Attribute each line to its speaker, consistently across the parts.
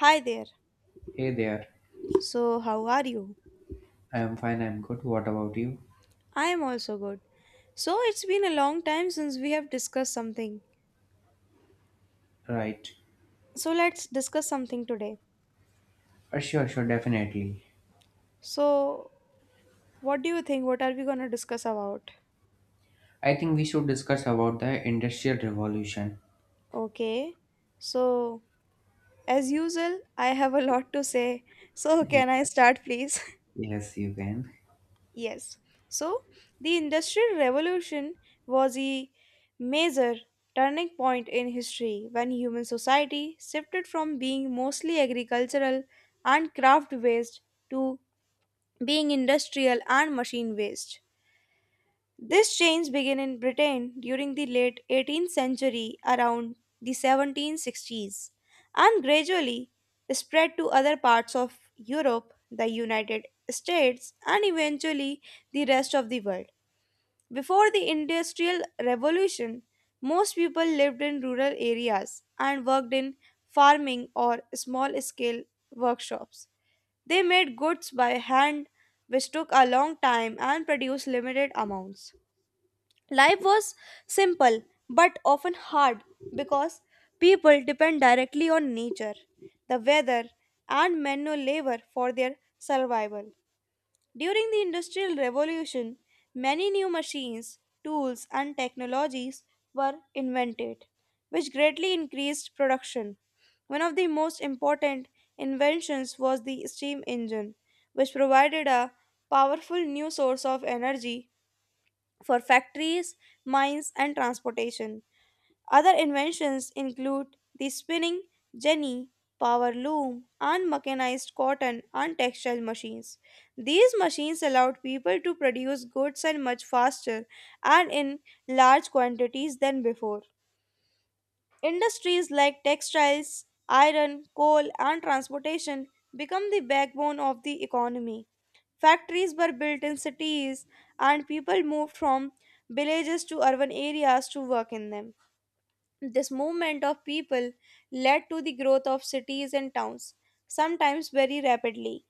Speaker 1: Hi there.
Speaker 2: Hey there.
Speaker 1: So, how are you?
Speaker 2: I am fine, I'm good. What about you?
Speaker 1: I am also good. So, it's been a long time since we have discussed something.
Speaker 2: Right.
Speaker 1: So, let's discuss something today.
Speaker 2: Sure, definitely.
Speaker 1: So, what do you think? What are we going to discuss about?
Speaker 2: I think we should discuss about the industrial revolution.
Speaker 1: Okay. So, as usual, I have a lot to say. So,
Speaker 2: Eh,
Speaker 1: can I start, please?
Speaker 2: Yes, you can.
Speaker 1: Yes. So the Industrial Revolution was a major turning point in history when human society shifted from being mostly agricultural and craft based to being industrial and machine based. This change began in Britain during the late 18th century around the 1760s and gradually spread to other parts of Europe, the United States, and eventually the rest of the world. Before the Industrial Revolution, most people lived in rural areas and worked in farming or small scale workshops. They made goods by hand, which took a long time and produced limited amounts. Life was simple but often hard because people depend directly on nature, the weather, and manual labor for their survival. During the Industrial Revolution, many new machines, tools, and technologies were invented, which greatly increased production. One of the most important inventions was the steam engine, which provided a powerful new source of energy for factories, mines, and transportation. Other inventions include the spinning jenny, power loom, and mechanized cotton and textile machines. These machines allowed people to produce goods and much faster and in large quantities than before. Industries like textiles, iron, coal, and transportation become the backbone of the economy. Factories were built in cities, and people moved from villages to urban areas to work in them. This movement of people led to the growth of cities and towns, sometimes very rapidly.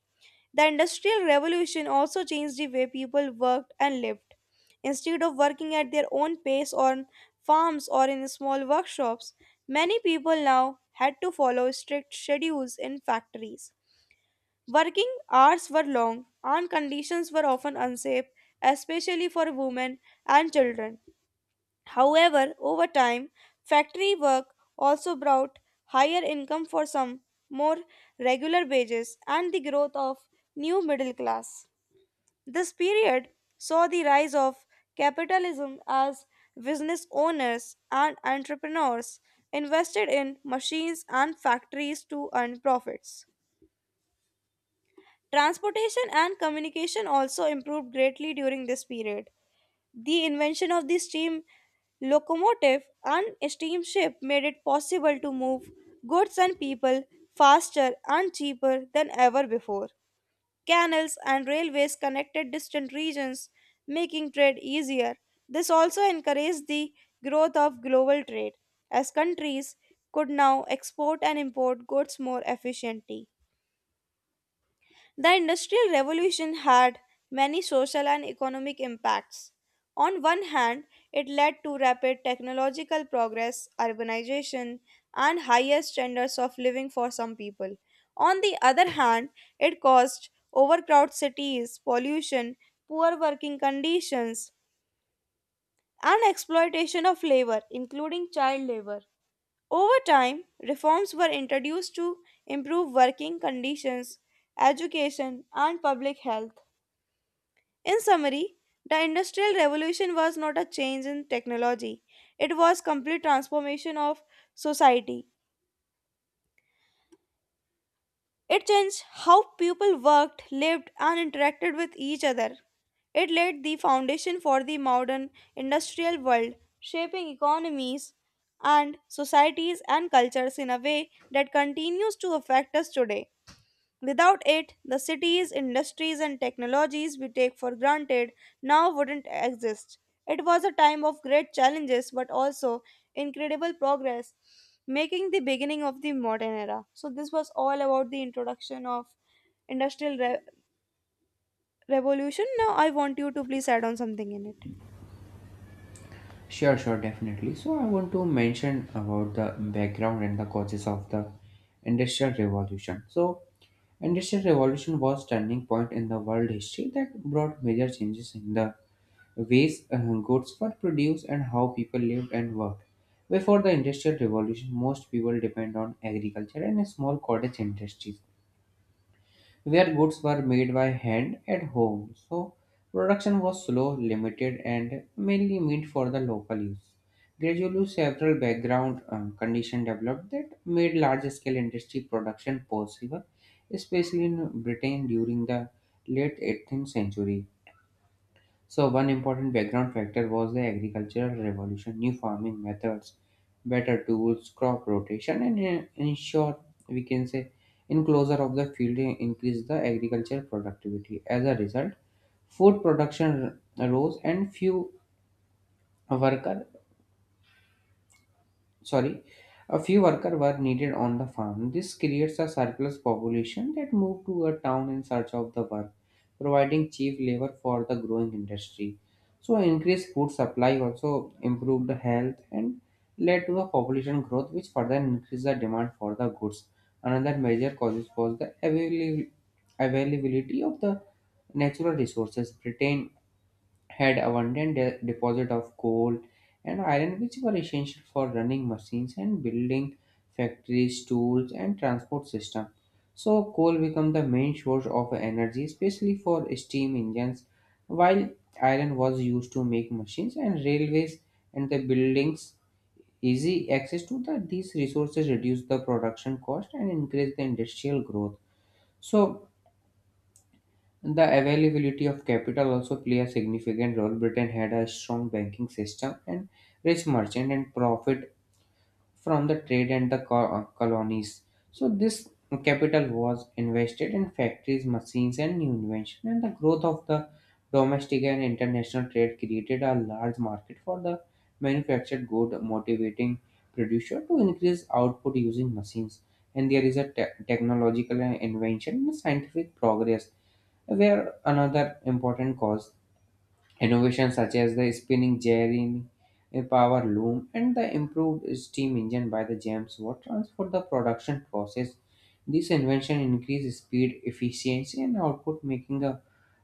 Speaker 1: The Industrial Revolution also changed the way people worked and lived. Instead of working at their own pace on farms or in small workshops, many people now had to follow strict schedules in factories. Working hours were long and conditions were often unsafe, especially for women and children. However, over time, factory work also brought higher income for some, more regular wages, and the growth of new middle class. This period saw the rise of capitalism as business owners and entrepreneurs invested in machines and factories to earn profits. Transportation and communication also improved greatly during this period. The invention of the steam locomotive and steamship made it possible to move goods and people faster and cheaper than ever before. Canals and railways connected distant regions, making trade easier. This also encouraged the growth of global trade, as countries could now export and import goods more efficiently. The Industrial Revolution had many social and economic impacts. On one hand, it led to rapid technological progress, urbanization, and higher standards of living for some people. On the other hand, it caused overcrowded cities, pollution, poor working conditions, and exploitation of labor, including child labor. Over time, reforms were introduced to improve working conditions, education, and public health. In summary, the Industrial Revolution was not a change in technology. It was complete transformation of society. It changed how people worked, lived and interacted with each other. It laid the foundation for the modern industrial world, shaping economies and societies and cultures in a way that continues to affect us today. Without it, the cities, industries, and technologies we take for granted now wouldn't exist. It was a time of great challenges but also incredible progress, making the beginning of the modern era. So, this was all about the introduction of industrial revolution. Now, I want you to please add on something in it.
Speaker 2: Sure, definitely. So I want to mention about the background and the causes of the industrial revolution. So industrial revolution was turning point in the world history that brought major changes in the ways goods were produced and how people lived and worked. Before the Industrial Revolution, most people depend on agriculture and small cottage industries, where goods were made by hand at home. So, production was slow, limited, and mainly meant for the local use. Gradually, several background conditions developed that made large-scale industry production possible, especially in Britain during the late 18th century. So, one important background factor was the agricultural revolution, new farming methods, better tools, crop rotation, and in short, we can say enclosure of the field increased the agricultural productivity. As a result, food production rose and workers sorry, a few workers were needed on the farm. This creates a surplus population that moved to a town in search of the work, providing cheap labor for the growing industry. So, increased food supply also improved the health and led to a population growth, which further increased the demand for the goods. Another major cause was the availability of the natural resources. Britain had abundant deposit of coal and iron which were essential for running machines and building factories tools and transport system. So coal became the main source of energy especially for steam engines while iron was used to make machines and railways and the buildings. Easy access to these resources reduced the production cost and increased the industrial growth. So the availability of capital also play a significant role. Britain had a strong banking system and rich merchant and profit from the trade and the colonies. So this capital was invested in factories, machines, and new invention. And the growth of the domestic and international trade created a large market for the manufactured good, motivating producer to increase output using machines. And there is a technological invention and scientific progress were another important cause. Innovations such as the spinning gearing, a power loom, and the improved steam engine by the James Watt transformed the production process. This invention increased speed, efficiency, and output, making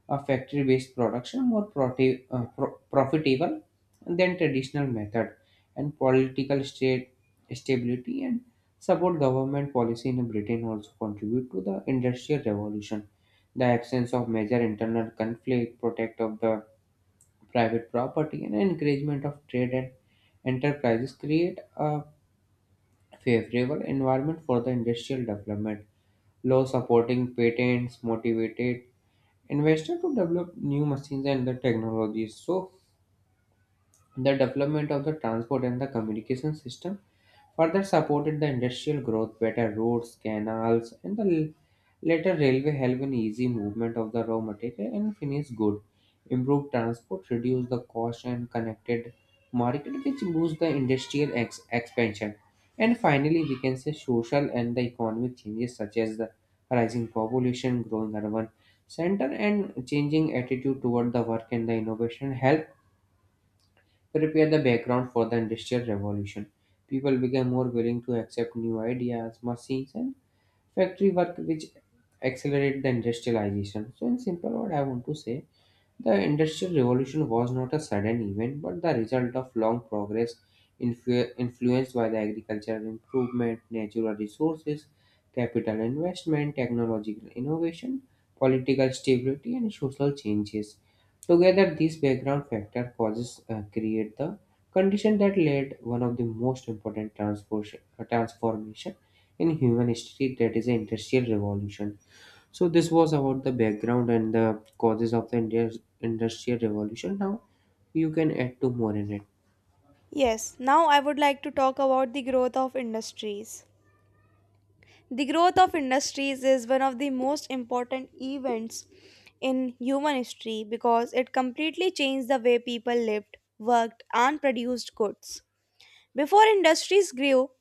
Speaker 2: a factory-based production more profitable than traditional method. And political state stability and support government policy in Britain also contribute to the industrial revolution. The absence of major internal conflict, protect of the private property, and encouragement of trade and enterprises create a favorable environment for the industrial development. Law supporting patents motivated investors to develop new machines and the technologies. So the development of the transport and the communication system further supported the industrial growth, better roads, canals, and the later railway helped in easy movement of the raw material and finished good. Improved transport reduced the cost and connected market, which boost the industrial expansion. And finally, we can say social and the economic changes such as the rising population, growing urban center, and changing attitude toward the work and the innovation help prepare the background for the Industrial Revolution. People became more willing to accept new ideas, machines, and factory work, which accelerated the industrialization. So, in simple word, I want to say the Industrial Revolution was not a sudden event, but the result of long progress influenced by the agricultural improvement, natural resources, capital investment, technological innovation, political stability, and social changes. Together, these background factor causes create the condition that led one of the most important transformation in human history, that is the Industrial Revolution. So this was about the background and the causes of the India's industrial revolution. Now you can add to more in it.
Speaker 1: Yes, now I would like to talk about the growth of industries. The growth of industries is one of the most important events in human history because it completely changed the way people lived, worked, and produced goods. Before industries grew,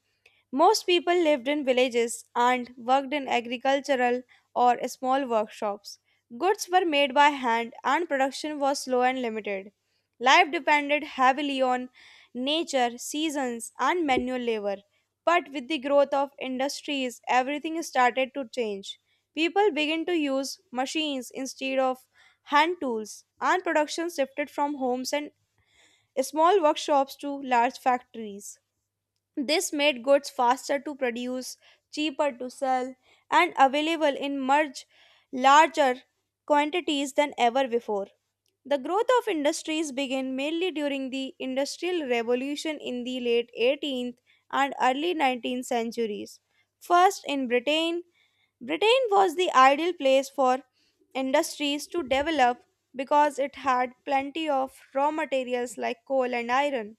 Speaker 1: most people lived in villages and worked in agricultural or small workshops. Goods were made by hand and production was slow and limited. Life depended heavily on nature, seasons, and manual labor. But with the growth of industries, everything started to change. People began to use machines instead of hand tools, and production shifted from homes and small workshops to large factories. This made goods faster to produce, cheaper to sell, and available in much larger quantities than ever before. The growth of industries began mainly during the Industrial Revolution in the late 18th and early 19th centuries. First, in Britain was the ideal place for industries to develop because it had plenty of raw materials like coal and iron,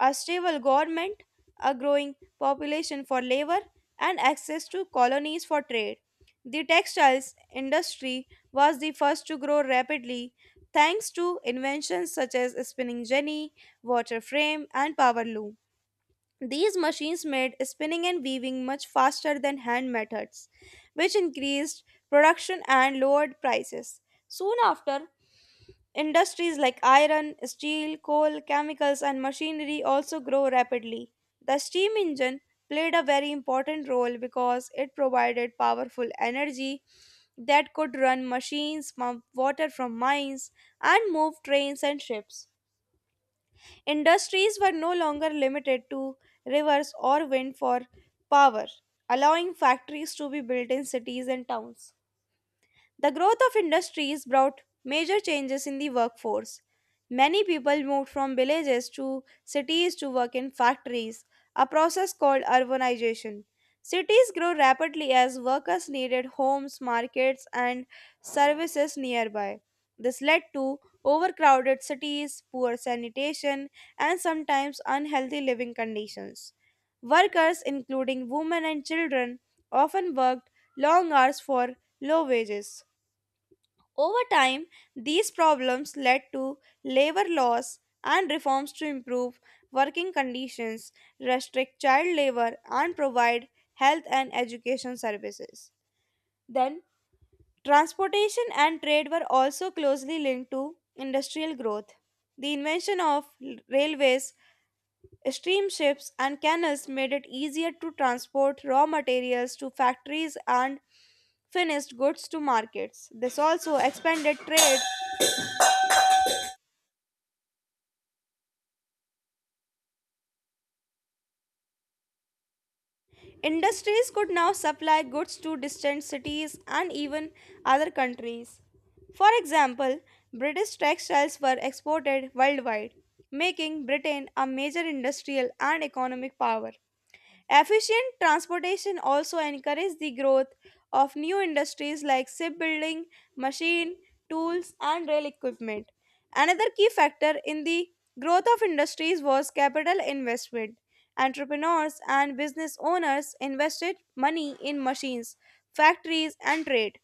Speaker 1: a stable government, a growing population for labor, and access to colonies for trade. The textiles industry was the first to grow rapidly thanks to inventions such as spinning jenny, water frame, and power loom. These machines made spinning and weaving much faster than hand methods, which increased production and lowered prices. Soon after, industries like iron, steel, coal, chemicals, and machinery also grow rapidly. The steam engine played a very important role because it provided powerful energy that could run machines, pump water from mines, and move trains and ships. Industries were no longer limited to rivers or wind for power, allowing factories to be built in cities and towns. The growth of industries brought major changes in the workforce. Many people moved from villages to cities to work in factories, a process called urbanization. Cities grew rapidly as workers needed homes, markets, and services nearby. This led to overcrowded cities, poor sanitation, and sometimes unhealthy living conditions. Workers, including women and children, often worked long hours for low wages. Over time, these problems led to labor laws and reforms to improve working conditions, restrict child labor, and provide health and education services. Then, transportation and trade were also closely linked to industrial growth. The invention of railways, steamships, and canals made it easier to transport raw materials to factories and finished goods to markets. This also expanded trade. Industries could now supply goods to distant cities and even other countries. For example, British textiles were exported worldwide, making Britain a major industrial and economic power. Efficient transportation also encouraged the growth of new industries like shipbuilding, machine, tools, and rail equipment. Another key factor in the growth of industries was capital investment. Entrepreneurs and business owners invested money in machines, factories, and trade.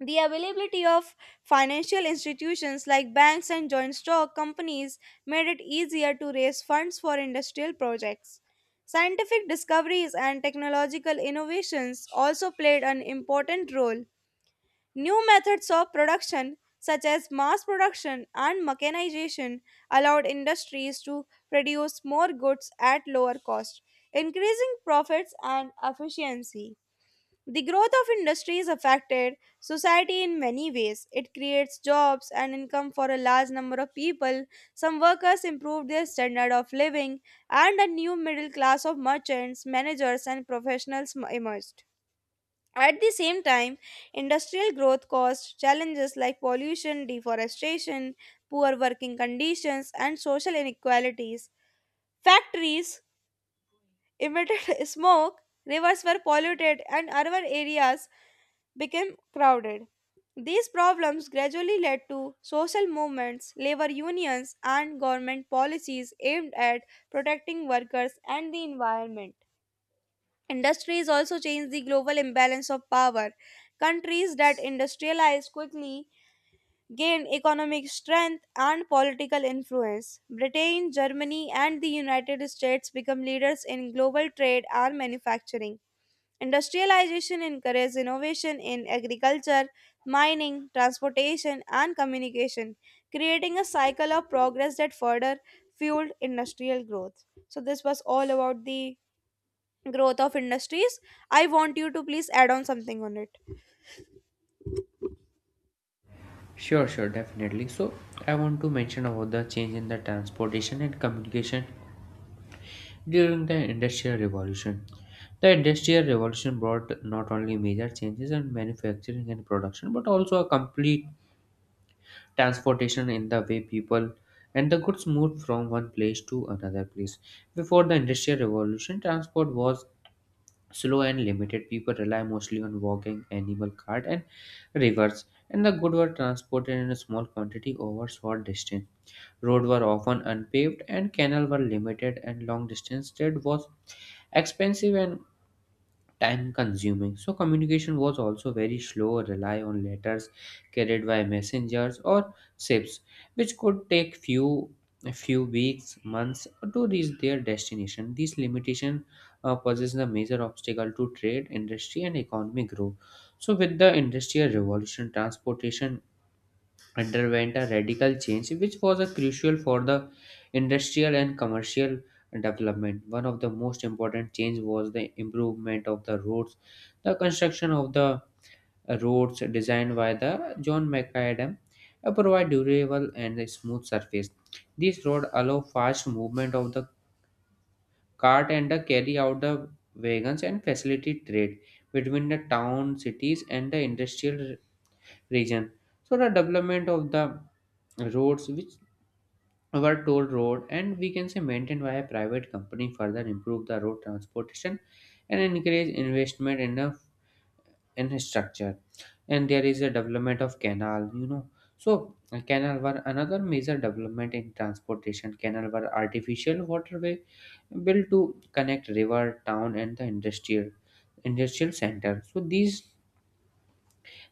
Speaker 1: The availability of financial institutions like banks and joint stock companies made it easier to raise funds for industrial projects. Scientific discoveries and technological innovations also played an important role. New methods of production, such as mass production and mechanization, allowed industries to produce more goods at lower cost, increasing profits and efficiency. The growth of industries affected society in many ways. It creates jobs and income for a large number of people. Some workers improved their standard of living, and a new middle class of merchants, managers, and professionals emerged. At the same time, industrial growth caused challenges like pollution, deforestation, poor working conditions, and social inequalities. Factories emitted smoke, rivers were polluted, and urban areas became crowded. These problems gradually led to social movements, labor unions, and government policies aimed at protecting workers and the environment. Industries also changed the global imbalance of power. Countries that industrialized quickly gained economic strength and political influence. Britain, Germany, and the United States became leaders in global trade and manufacturing. Industrialization encouraged innovation in agriculture, mining, transportation, and communication, creating a cycle of progress that further fueled industrial growth. So, this was all about the growth of industries. I want you to please add on something on it.
Speaker 2: Sure, definitely. So I want to mention about the change in the transportation and communication during the industrial revolution. The industrial revolution brought not only major changes in manufacturing and production but also a complete transportation in the way people and the goods moved from one place to another place. Before the industrial revolution, transport was slow and limited. People rely mostly on walking, animal cart, and rivers, and the goods were transported in a small quantity over short distance. Roads were often unpaved and canal were limited, and long distance trade was expensive and time consuming. So communication was also very slow, rely on letters carried by messengers or ships, which could take few a few weeks months to reach their destination. These limitation poses a major obstacle to trade industry and economic growth. So with the industrial revolution, transportation underwent a radical change, which was a crucial for the industrial and commercial development. One of the most important change was the improvement of the roads. The construction of the roads designed by the John McAdam provide durable and a smooth surface. These roads allow fast movement of the cart and the carry out the wagons and facilitate trade between the town cities and the industrial region. So the development of the roads, which our toll road and we can say maintained by a private company, further improve the road transportation and encourage investment in the infrastructure. And there is a development of canal, you know. So canal were another major development in transportation. Canal were artificial waterway built to connect river town and the industrial center. So these,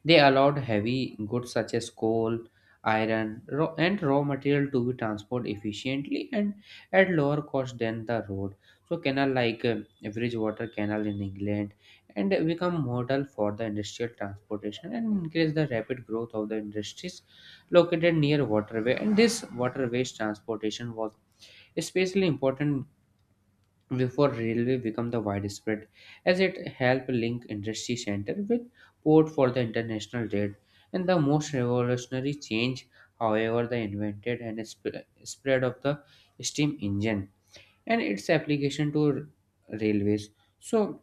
Speaker 2: they allowed heavy goods such as coal, iron, and raw material to be transported efficiently and at lower cost than the road. So, canal like Bridgewater Canal in England and become model for the industrial transportation and increase the rapid growth of the industries located near waterway. And this waterways transportation was especially important before railway became the widespread, as it helped link industry center with port for the international trade. And the most revolutionary change, however, the invented and spread of the steam engine and its application to railways. So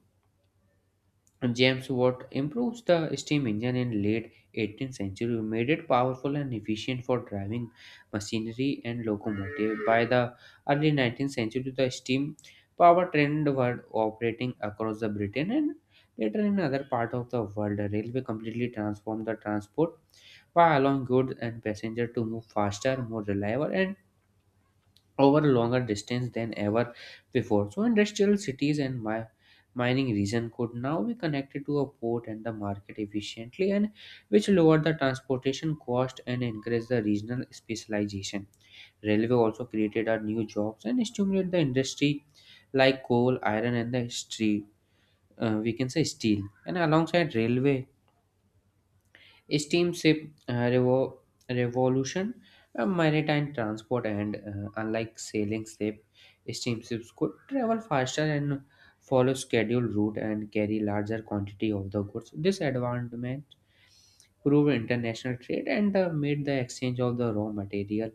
Speaker 2: James Watt improves the steam engine in late 18th century, made it powerful and efficient for driving machinery and locomotive. By the early 19th century, the steam power trend were operating across the Britain and later in other part of the world. Railway completely transformed the transport by allowing goods and passenger to move faster, more reliable, and over longer distance than ever before. So industrial cities and mining region could now be connected to a port and the market efficiently, and which lowered the transportation cost and increased the regional specialization. Railway also created a new jobs and stimulated the industry like coal, iron and the steel. We can say steel and alongside railway, steamship revo- revolution, maritime transport, and unlike sailing ship, steamships could travel faster and follow scheduled route and carry larger quantity of the goods. This advancement proved international trade and made the exchange of the raw material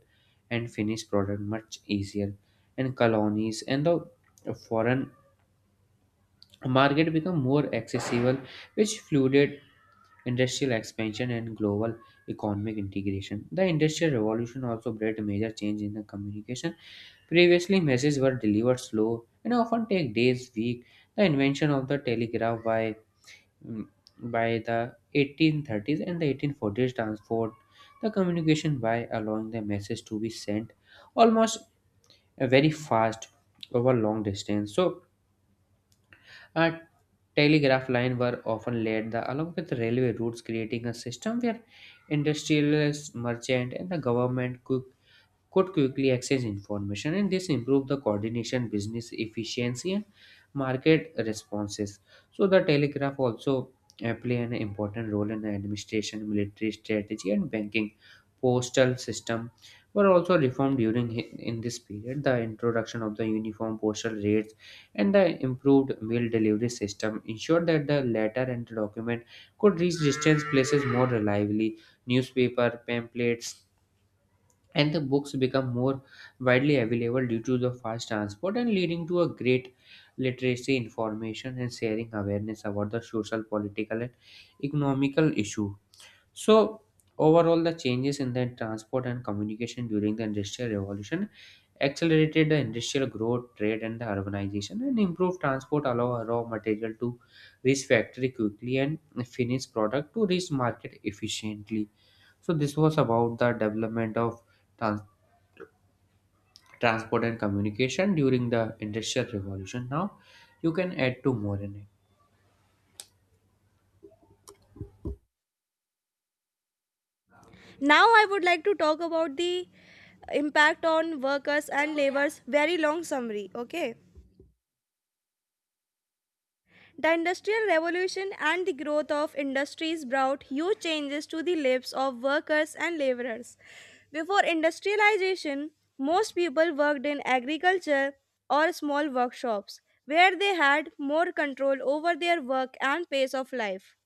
Speaker 2: and finished product much easier. And colonies and the foreign market become more accessible, which fueled industrial expansion and global economic integration. The Industrial Revolution also brought a major change in the communication. Previously, messages were delivered slow and often take days, weeks. The invention of the telegraph by mm, by the 1830s and the 1840s transformed the communication by allowing the message to be sent almost very fast over long distance. So a telegraph line were often laid along with railway routes, creating a system where industrialists, merchant, and the government could quickly access information, and this improved the coordination business efficiency and market responses. So the telegraph also play an important role in administration military strategy and banking. Postal system were also reformed during in this period. The introduction of the uniform postal rates and the improved mail delivery system ensured that the letter and the document could reach distant places more reliably. Newspaper pamphlets and the books become more widely available due to the fast transport and leading to a great literacy information and sharing awareness about the social political and economical issue. So overall, the changes in the transport and communication during the industrial revolution accelerated the industrial growth trade and the urbanization, and improved transport allow raw material to reach factory quickly and finished product to reach market efficiently. So this was about the development of transport transport and communication during the industrial revolution. Now you can add two more in
Speaker 1: Now, I would like to talk about the impact on workers and laborers. Very long summary. Okay. The Industrial Revolution and the growth of industries brought huge changes to the lives of workers and laborers. Before industrialization, most people worked in agriculture or small workshops where they had more control over their work and pace of life.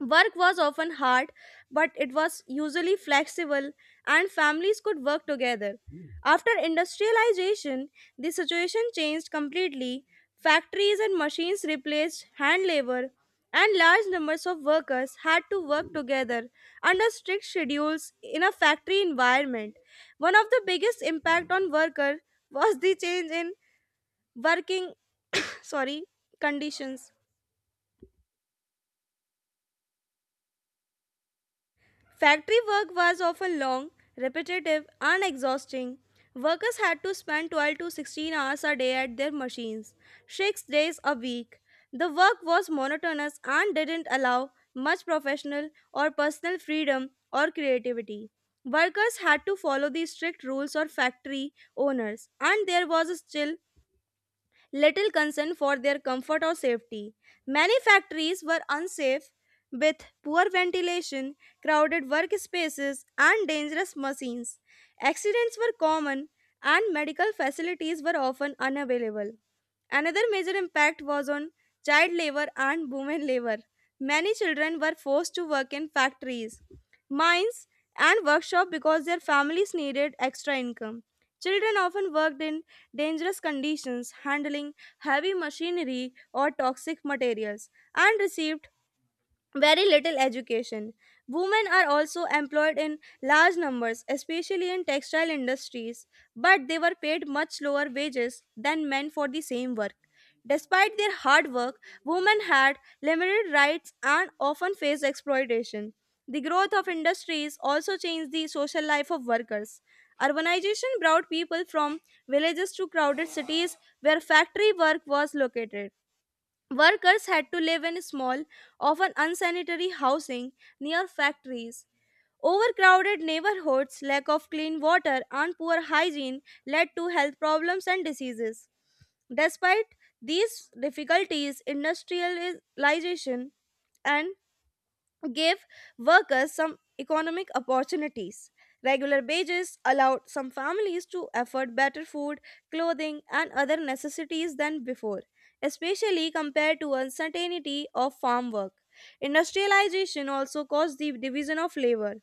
Speaker 1: Work was often hard, but it was usually flexible and families could work together. After industrialization, the situation changed completely. Factories and machines replaced hand labor, and large numbers of workers had to work together under strict schedules in a factory environment. One of the biggest impact on worker was the change in working sorry conditions. Factory work was often long, repetitive, and exhausting. Workers had to spend 12 to 16 hours a day at their machines, 6 days a week. The work was monotonous and didn't allow much professional or personal freedom or creativity. Workers had to follow the strict rules of factory owners, and there was still little concern for their comfort or safety. Many factories were unsafe with poor ventilation, crowded workspaces, and dangerous machines. Accidents were common, and medical facilities were often unavailable. Another major impact was on child labor and women labor. Many children were forced to work in factories, mines, and workshops because their families needed extra income. Children often worked in dangerous conditions, handling heavy machinery or toxic materials, and received very little education. Women are also employed in large numbers, especially in textile industries, but they were paid much lower wages than men for the same work. Despite their hard work, women had limited rights and often faced exploitation. The growth of industries also changed the social life of workers. Urbanization brought people from villages to crowded cities where factory work was located. Workers had to live in small, often unsanitary housing near factories. Overcrowded neighborhoods, lack of clean water, and poor hygiene led to health problems and diseases. Despite these difficulties, industrialization and gave workers some economic opportunities. Regular wages allowed some families to afford better food, clothing, and other necessities than before, especially compared to uncertainty of farm work. Industrialization also caused the division of labor.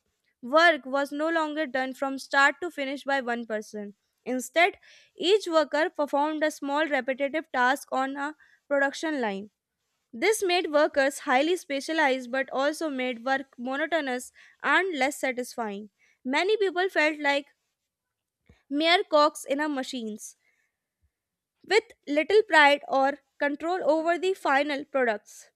Speaker 1: Work was no longer done from start to finish by one person. Instead, each worker performed a small repetitive task on a production line. This made workers highly specialized but also made work monotonous and less satisfying. Many people felt like mere cogs in a machines with little pride or control over the final products,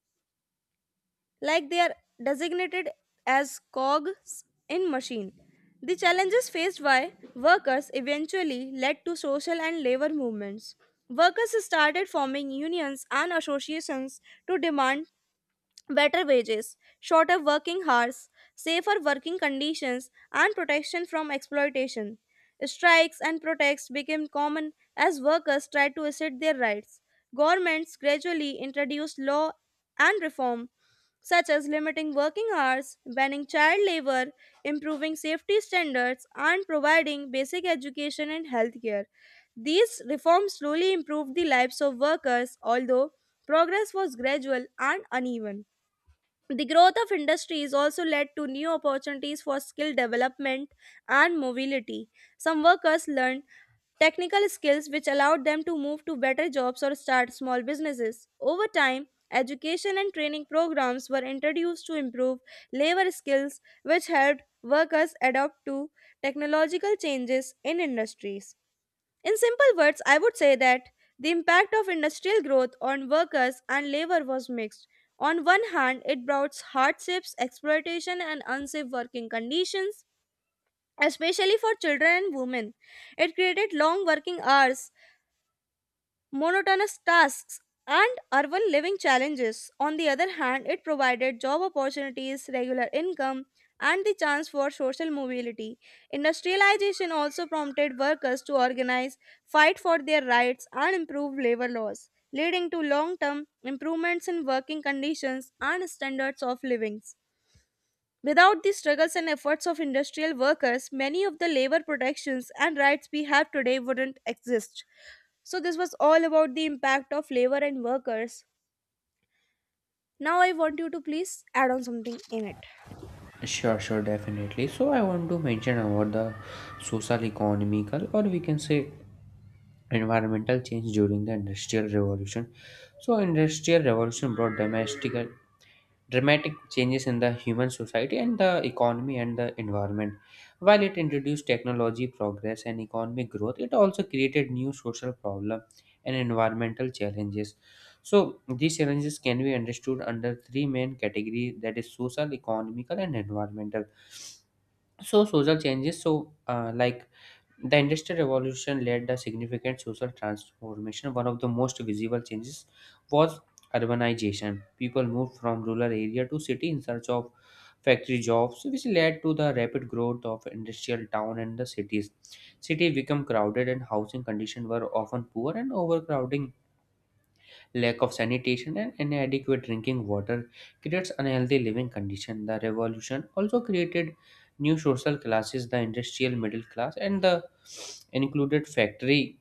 Speaker 1: like they are designated as cogs in machine. The challenges faced by workers eventually led to social and labor movements. Workers started forming unions and associations to demand better wages, shorter working hours, safer working conditions, and protection from exploitation. Strikes and protests became common as workers tried to assert their rights. Governments gradually introduced law and reform, such as limiting working hours, banning child labor, improving safety standards, and providing basic education and healthcare. These reforms slowly improved the lives of workers, although progress was gradual and uneven. The growth of industries also led to new opportunities for skill development and mobility. Some workers learned technical skills which allowed them to move to better jobs or start small businesses. Over time, education and training programs were introduced to improve labor skills, which helped workers adapt to technological changes in industries. In simple words, I would say that the impact of industrial growth on workers and labor was mixed. On one hand, it brought hardships, exploitation, and unsafe working conditions, especially for children and women. It created long working hours, monotonous tasks, and urban living challenges. On the other hand, it provided job opportunities, regular income, and the chance for social mobility. Industrialization also prompted workers to organize, fight for their rights, and improve labor laws, leading to long term improvements in working conditions and standards of living. Without the struggles and efforts of industrial workers, many of the labor protections and rights we have today wouldn't exist. So, this was all about the impact of labor and workers. Now, I want you to please add on something in it.
Speaker 2: it. Sure, definitely. So I want to mention about the social economical or we can say environmental change during the industrial revolution. So industrial revolution brought domestic dramatic changes in the human society and the economy and the environment. While it introduced technology progress and economic growth, it also created new social problems and environmental challenges. So these challenges can be understood under three main categories, that is social, economical, and environmental. So social changes, like the Industrial Revolution led a significant social transformation. One of the most visible changes was urbanization. People moved from rural area to city in search of factory jobs, which led to the rapid growth of industrial town and the cities. Cities became crowded and housing conditions were often poor, and overcrowding, lack of sanitation, and inadequate drinking water creates unhealthy living conditions. The revolution also created new social classes, the industrial middle class, and the included factory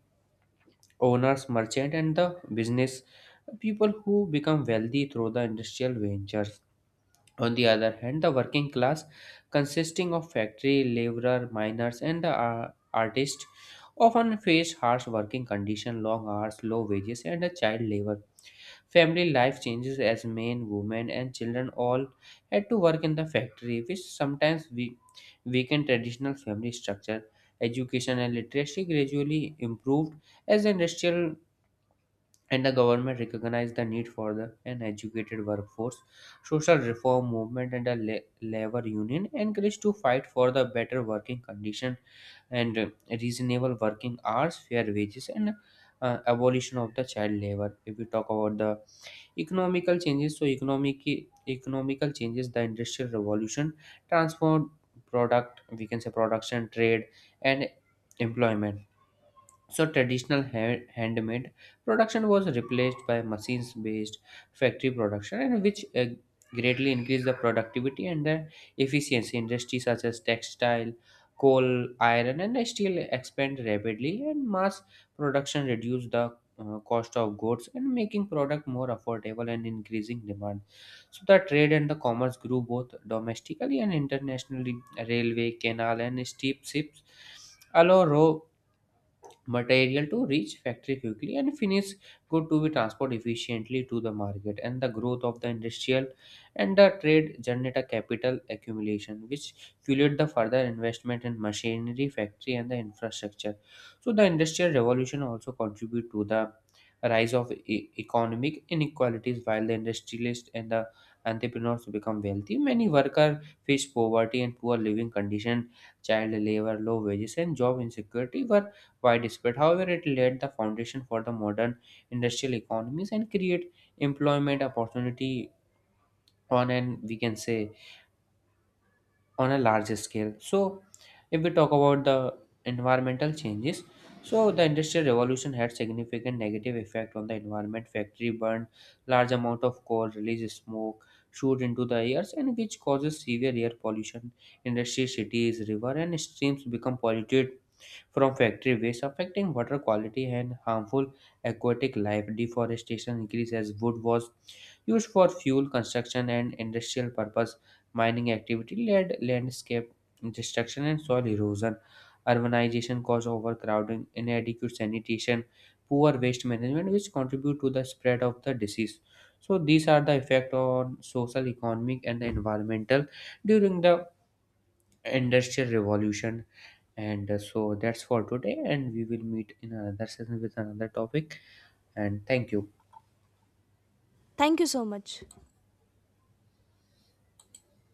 Speaker 2: owners, merchant, and the business people who become wealthy through the industrial ventures. On the other hand, the working class, consisting of factory laborer, miners, and the artists, often face harsh working conditions, long hours, low wages, and a child labor. Family life changes as men, women, and children all had to work in the factory, which sometimes we weakened traditional family structure. Education and literacy gradually improved as the industrial and the government recognized the need for an educated workforce. Social reform movement and the labor union encouraged to fight for the better working condition and reasonable working hours, fair wages, and abolition of the child labor. If we talk about the economical changes. So economical changes. The industrial revolution transformed product. We can say production, trade, and employment. So traditional handmade production was replaced by machines-based factory production, and which greatly increased the productivity and the efficiency. Industries such as textile, coal, iron, and steel expand rapidly, and mass production reduced the cost of goods and making product more affordable and increasing demand. So the trade and the commerce grew both domestically and internationally. Railway, canal, and steam ships allow raw material to reach factory quickly and finish good to be transported efficiently to the market, and the growth of the industrial and the trade generate a capital accumulation which fueled the further investment in machinery factory and the infrastructure. So the industrial revolution also contribute to the rise of economic inequalities. While the industrialists and the entrepreneurs become wealthy, many workers face poverty and poor living condition. Child labor, low wages, and job insecurity were widespread. However, it laid the foundation for the modern industrial economies and create employment opportunity on an we can say on a larger scale. So if we talk about the environmental changes, so the industrial revolution had significant negative effect on the environment. Factory burned large amount of coal, release smoke, shoot into the airs, and which causes severe air pollution. Industry, cities, river, and streams become polluted from factory waste, affecting water quality and harmful aquatic life. Deforestation increased as wood was used for fuel, construction, and industrial purpose. Mining activity led landscape destruction and soil erosion. Urbanization caused overcrowding, inadequate sanitation, poor waste management, which contribute to the spread of the disease. So these are the effect on social, economic, and the environmental during the industrial revolution, and so that's for today, and we will meet in another session with another topic. And thank you.
Speaker 1: Thank you so much.